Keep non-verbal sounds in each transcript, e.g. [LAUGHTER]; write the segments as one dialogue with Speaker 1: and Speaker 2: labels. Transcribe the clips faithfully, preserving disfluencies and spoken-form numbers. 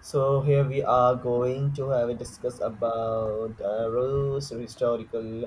Speaker 1: So here we are going to have a discuss about uh, rules, historical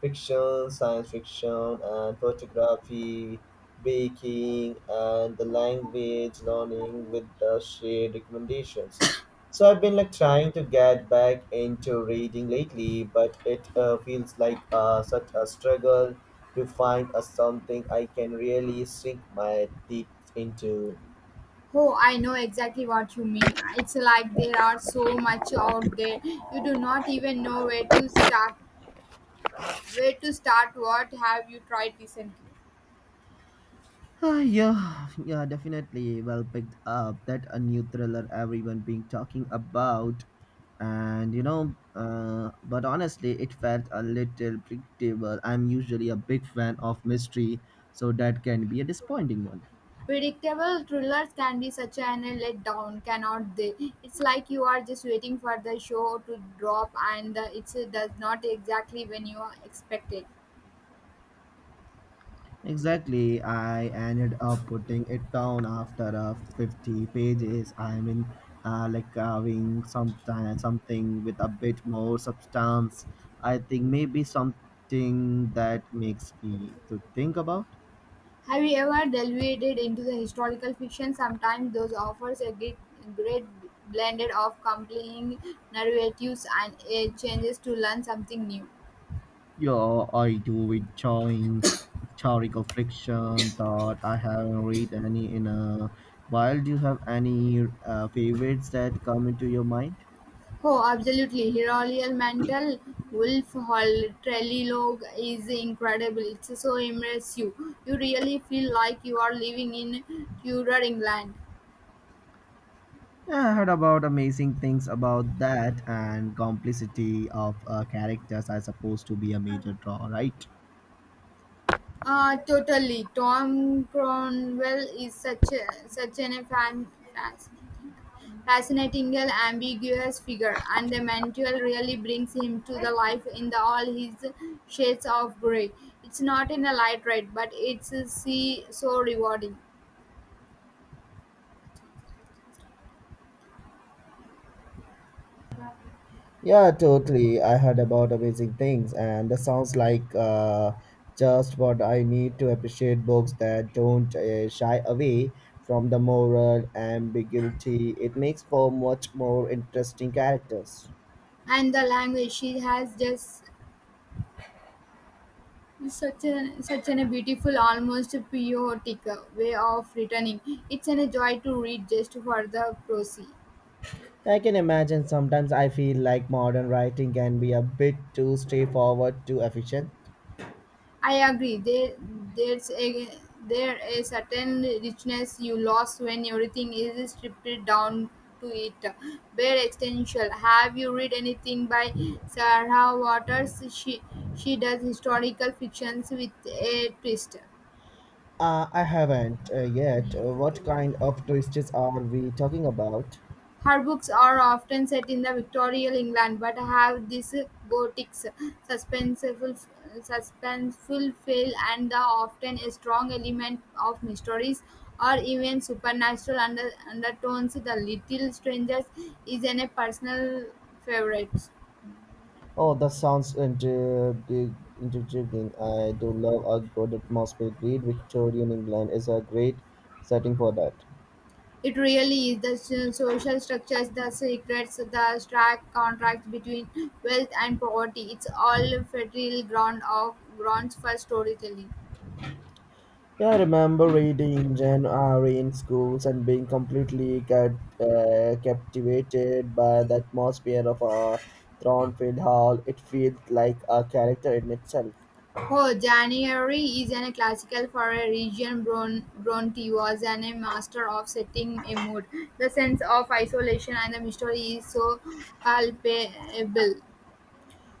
Speaker 1: fiction, science fiction, and photography, baking, and the language learning with the shared recommendations. So I've been like trying to get back into reading lately, but it uh, feels like uh, such a struggle to find a something I can really sink my teeth into.
Speaker 2: Oh, I know exactly what you mean. It's like there are so much out there. You do not even know where to start. Where to start? What have you tried recently?
Speaker 1: Ah, yeah, [LAUGHS] yeah, definitely. Well picked up. That a new thriller everyone been talking about, and you know, uh, but honestly, it felt a little predictable. I'm usually a big fan of mystery, so that can be a disappointing one.
Speaker 2: Predictable thrillers can be such an letdown, cannot they? It's like you are just waiting for the show to drop, and uh, it does not exactly when you expect it.
Speaker 1: Exactly. I ended up putting it down after uh, fifty pages. I mean, uh, like having some, something with a bit more substance. I think maybe something that makes me to think about.
Speaker 2: Have you ever delved into the historical fiction? Sometimes those offers a great, great blended of compelling narratives and a changes to learn something new.
Speaker 1: Yeah, I do enjoying historical fiction that I haven't read any in a while. Do you have any uh, favorites that come into your mind?
Speaker 2: Oh, absolutely. Heroial Mantle, Wolf Hall Trilogue is incredible. It's so immersive. You really feel like you are living in Tudor England.
Speaker 1: Yeah, I heard about amazing things about that and complicity of uh, characters are supposed to be a major draw, right?
Speaker 2: Uh, totally. Tom Cromwell is such a, such an fan, fascinating. Fascinatingly ambiguous figure, and the mantle really brings him to the life in the, all his shades of grey. It's not in a light red, but it's a see so rewarding.
Speaker 1: Yeah, totally. I heard about amazing things, and that sounds like uh, just what I need to appreciate books that don't uh, shy away from the moral ambiguity. It makes for much more interesting characters.
Speaker 2: And the language she has just such an such an a beautiful, almost poetic way of returning. It's an a joy to read just for the prosy.
Speaker 1: I can imagine sometimes I feel like modern writing can be a bit too straightforward, too efficient.
Speaker 2: I agree. There, there's a there a certain richness you lost when everything is stripped down to it. Bare essential. Have you read anything by Sarah Waters? She she does historical fictions with a twist.
Speaker 1: Uh, I haven't uh, yet. Uh, what kind of twists are we talking about?
Speaker 2: Her books are often set in the Victorian England, but have this gothic, suspenseful, suspenseful feel and the often a strong element of mysteries or even supernatural under, undertones. The Little Strangers is an, a personal favorite.
Speaker 1: Oh, that sounds intriguing. intriguing. I do love a good atmospheric read. Victorian England is a great setting for that.
Speaker 2: It really is the so- social structures, the secrets, the stark contracts between wealth and poverty. It's all fertile ground of grounds for storytelling.
Speaker 1: Yeah, I remember reading Jane Eyre in schools and being completely cat, uh, captivated by the atmosphere of a Thornfield Hall. It feels like a character in itself.
Speaker 2: Oh, January is an classical for a region. Bron- Bronte was an, a master of setting a mood. The sense of isolation and the mystery is so palpable.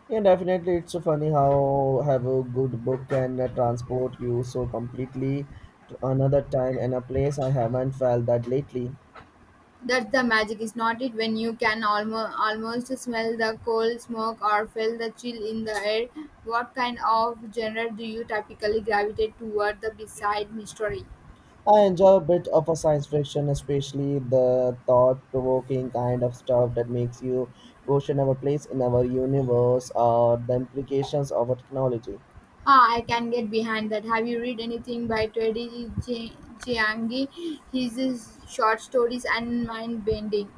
Speaker 1: Yeah, definitely. It's so funny how have a good book can uh, transport you so completely to another time and a place I haven't felt that lately.
Speaker 2: That's the magic, is not it? When you can almost, almost smell the coal smoke or feel the chill in the air, what kind of genre do you typically gravitate toward the beside mystery?
Speaker 1: I enjoy a bit of a science fiction, especially the thought-provoking kind of stuff that makes you question our place in our universe or the implications of our technology.
Speaker 2: Ah, I can get behind that. Have you read anything by Teddy Ch- Chiangi? His is short stories and mind bending.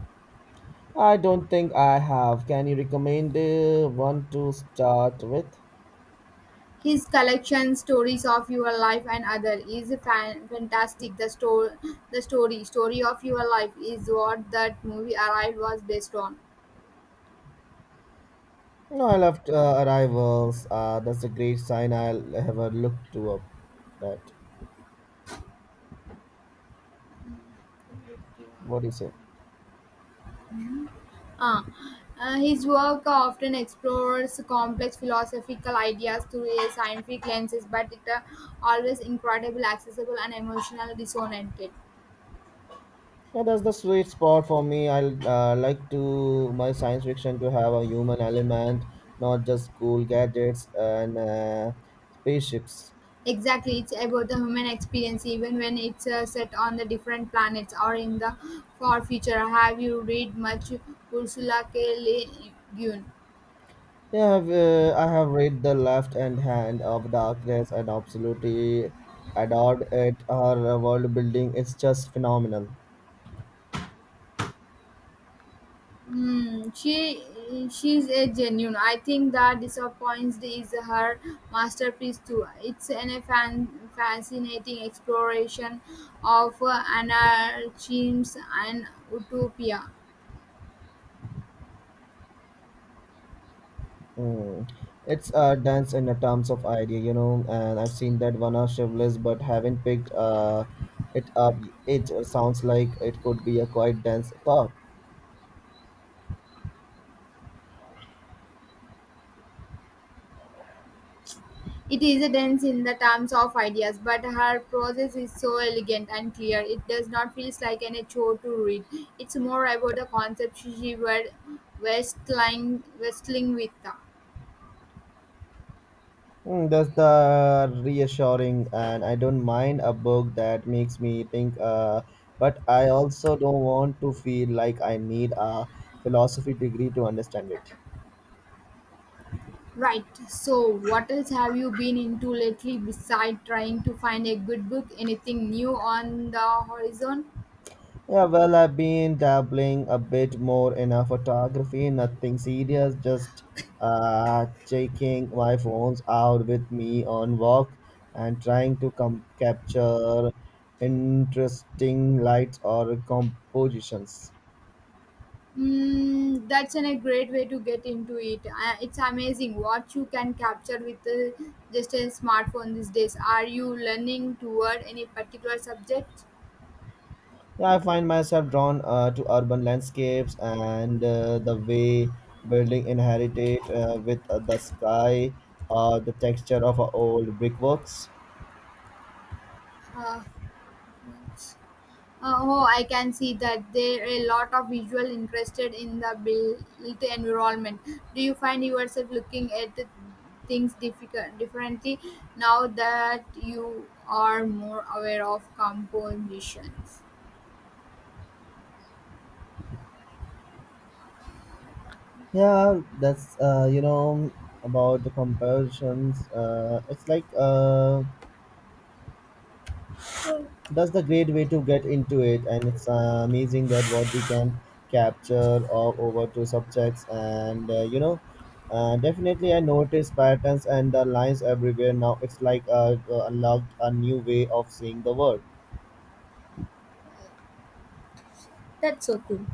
Speaker 1: I don't think I have. Can you recommend uh, one to start with?
Speaker 2: His collection stories of your life and other is fan- fantastic. The story, the story, story of your life is what that movie arrived was based on.
Speaker 1: No, I loved uh, Arrivals. Uh, that's a great sign. I'll have a look to up that. What do you say?
Speaker 2: Ah, Uh, his work often explores complex philosophical ideas through a scientific lenses, but it uh, always incredible, accessible, and emotional dissonant.
Speaker 1: Yeah, that's the sweet spot for me. I uh, like to my science fiction to have a human element, not just cool gadgets and uh, spaceships.
Speaker 2: Exactly, it's about the human experience, even when it's uh, set on the different planets or in the far future. Have you read much Ursula K. Le Guin?
Speaker 1: Yeah, I've, uh, I have read The Left and Hand of Darkness and absolutely adored it. Her world building is just phenomenal.
Speaker 2: Hmm, she she's a genuine. I think that disappoints is her masterpiece too. It's an a fan, fascinating exploration of uh, anarchism and utopia.
Speaker 1: Mm. It's a dense in the terms of idea, you know, and I've seen that one of Shivless, but haven't picked uh, it up. It uh, sounds like it could be a quite dense thought.
Speaker 2: It is dense in the terms of ideas, but her prose is so elegant and clear. It does not feel like any chore to read. It's more about the concepts she was wrestling, wrestling with.
Speaker 1: Mm, that's the reassuring, and I don't mind a book that makes me think, uh, but I also don't want to feel like I need a philosophy degree to understand it.
Speaker 2: Right. So, what else have you been into lately besides trying to find a good book? Anything new on the horizon?
Speaker 1: Yeah, well, I've been dabbling a bit more in a photography, nothing serious, just uh, taking my phones out with me on walk and trying to com- capture interesting lights or compositions.
Speaker 2: Mm, that's an, a great way to get into it. Uh, it's amazing what you can capture with uh, just a smartphone these days. Are you learning toward any particular subject?
Speaker 1: Yeah, I find myself drawn uh, to urban landscapes and uh, the way building inherited uh, with uh, the sky or the texture of uh, old brickworks.
Speaker 2: Uh, uh, oh, I can see that there are a lot of visual interested in the built environment. Do you find yourself looking at the things difficult, differently now that you are more aware of compositions?
Speaker 1: Yeah, that's uh, you know about the comparisons. Uh, it's like uh, that's the great way to get into it, and it's uh, amazing that what we can capture or over to subjects, and uh, you know, uh, definitely I notice patterns and the lines everywhere now. It's like uh, uh, unlocked a new way of seeing the world.
Speaker 2: That's so cool.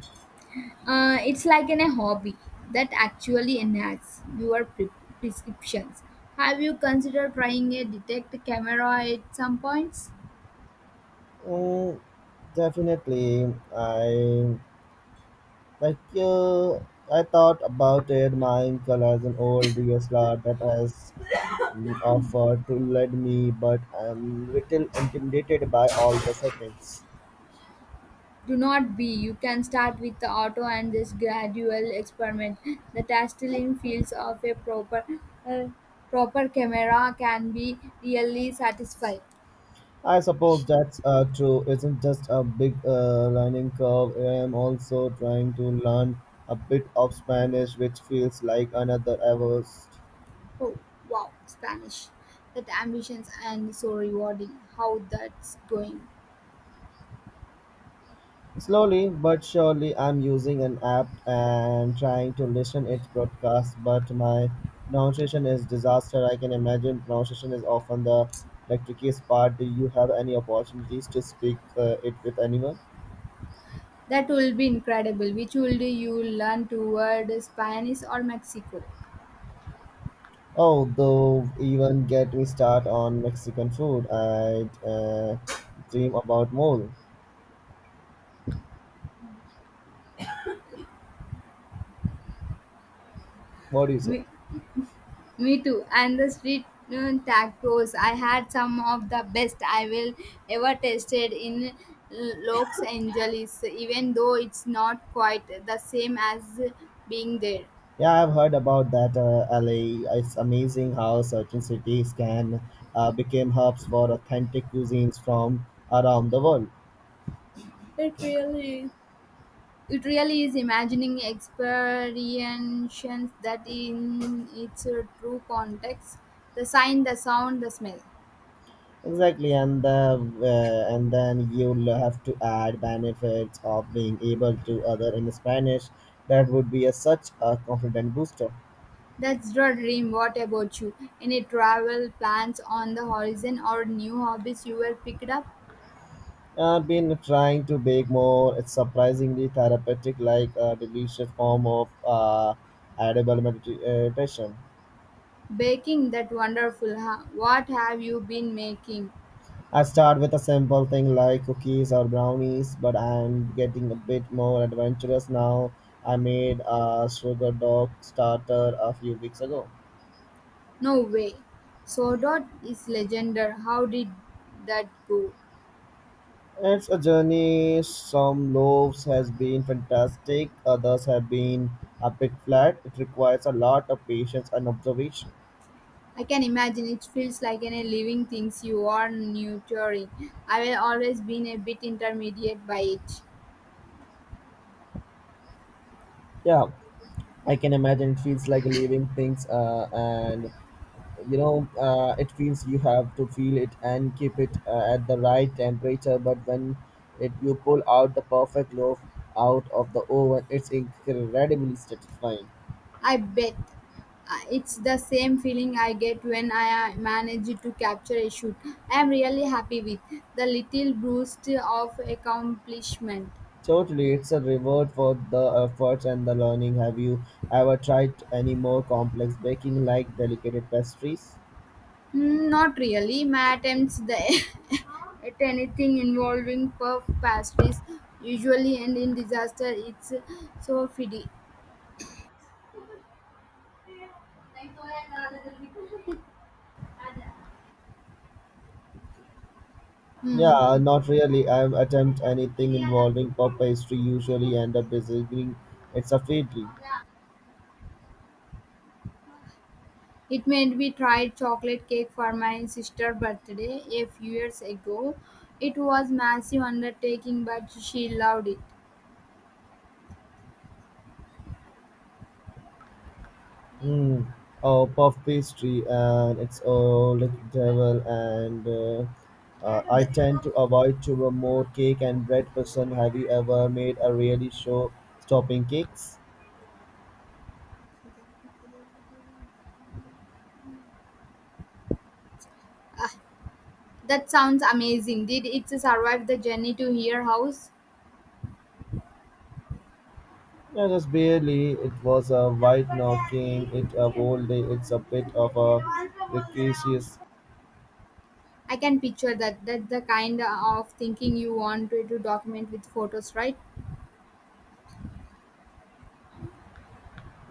Speaker 2: Uh, it's like in a hobby that actually enhances your pre- prescriptions. Have you considered trying a detect camera at some points?
Speaker 1: Mm, definitely, I like uh, I thought about it. Mine colors an old D S L R that has You offer to lead me, but I am little intimidated by all the settings.
Speaker 2: Do not be. You can start with the auto and this gradual experiment. The tastelin feels of a proper uh, proper camera can be really satisfied.
Speaker 1: I suppose that's uh, true. Isn't just a big uh, learning curve. I am also trying to learn a bit of Spanish, which feels like another Everest.
Speaker 2: Oh wow, Spanish. That ambitions and so rewarding. How that's going.
Speaker 1: Slowly but surely, I'm using an app and trying to listen its broadcast, but my pronunciation is disaster. I can imagine pronunciation is often the like, trickiest part. Do you have any opportunities to speak uh, it with anyone?
Speaker 2: That will be incredible. Which would you learn toward Spanish or Mexico?
Speaker 1: Oh, though, even get me start on Mexican food. I'd uh, dream about mole. What do you say?
Speaker 2: Me, Me too. And the street uh, tacos, I had some of the best I will ever tasted in Los Angeles, even though it's not quite the same as being there.
Speaker 1: Yeah, I've heard about that uh, L A. It's amazing how certain cities can uh, become hubs for authentic cuisines from around the world.
Speaker 2: It really It really is imagining experiences that in its true context the sign, the sound, the smell.
Speaker 1: Exactly, and the uh, and then you'll have to add benefits of being able to other in Spanish. That would be a, such a confident booster.
Speaker 2: That's the dream. What about you? Any travel plans on the horizon or new hobbies you were picked up?
Speaker 1: I've been trying to bake more. It's surprisingly therapeutic, like a delicious form of uh, edible medita- meditation.
Speaker 2: Baking that wonderful. Huh? What have you been making?
Speaker 1: I start with a simple thing like cookies or brownies, but I'm getting a bit more adventurous now. I made a sugar dog starter a few weeks ago.
Speaker 2: No way. Sword is legendary. How did that go?
Speaker 1: It's a journey. Some loaves has been fantastic, others have been a bit flat. It requires a lot of patience and observation.
Speaker 2: I can imagine it feels like any living things you are nurturing. I will always been a bit intermediate by it.
Speaker 1: Yeah, I can imagine it feels like leaving things uh, and you know uh, it feels you have to feel it and keep it uh, at the right temperature but when it you pull out the perfect loaf out of the oven it's incredibly satisfying
Speaker 2: I bet. Uh, it's the same feeling I get when I uh, manage to capture a shoot. I am really happy with the little boost of accomplishment.
Speaker 1: totally it's a reward for the efforts and the learning have you ever tried any more complex baking like delicate pastries
Speaker 2: Mm, not really. My attempts the [LAUGHS] at anything involving puff pastries usually end in disaster. It's so fiddy. Hmm.
Speaker 1: yeah not really I attempt anything involving puff pastry usually end up disagreeing it's a failure
Speaker 2: It made me try chocolate cake for my sister's birthday a few years ago. It was massive undertaking, but she loved it.
Speaker 1: Mm, oh, puff pastry, and it's all like devil. And uh, uh, I tend to avoid to a more cake and bread person. Have you ever made a really show stopping cakes?
Speaker 2: That sounds amazing. Did it survive the journey to your house?
Speaker 1: Yeah, just barely. It was a white knocking. It a whole day. It's a bit of a precarious.
Speaker 2: I can picture that. That's the kind of thinking you want to to document with photos, right?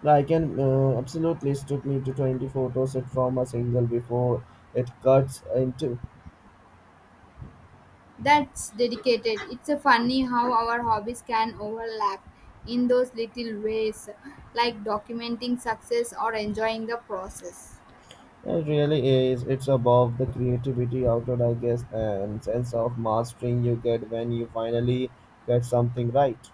Speaker 1: I can uh, absolutely it took me to twenty photos it from a single before it cuts into
Speaker 2: That's dedicated. It's a funny how our hobbies can overlap in those little ways, like documenting success or enjoying the process.
Speaker 1: Yeah, it really is. It's about the creativity outlet, I guess, and sense of mastering you get when you finally get something right.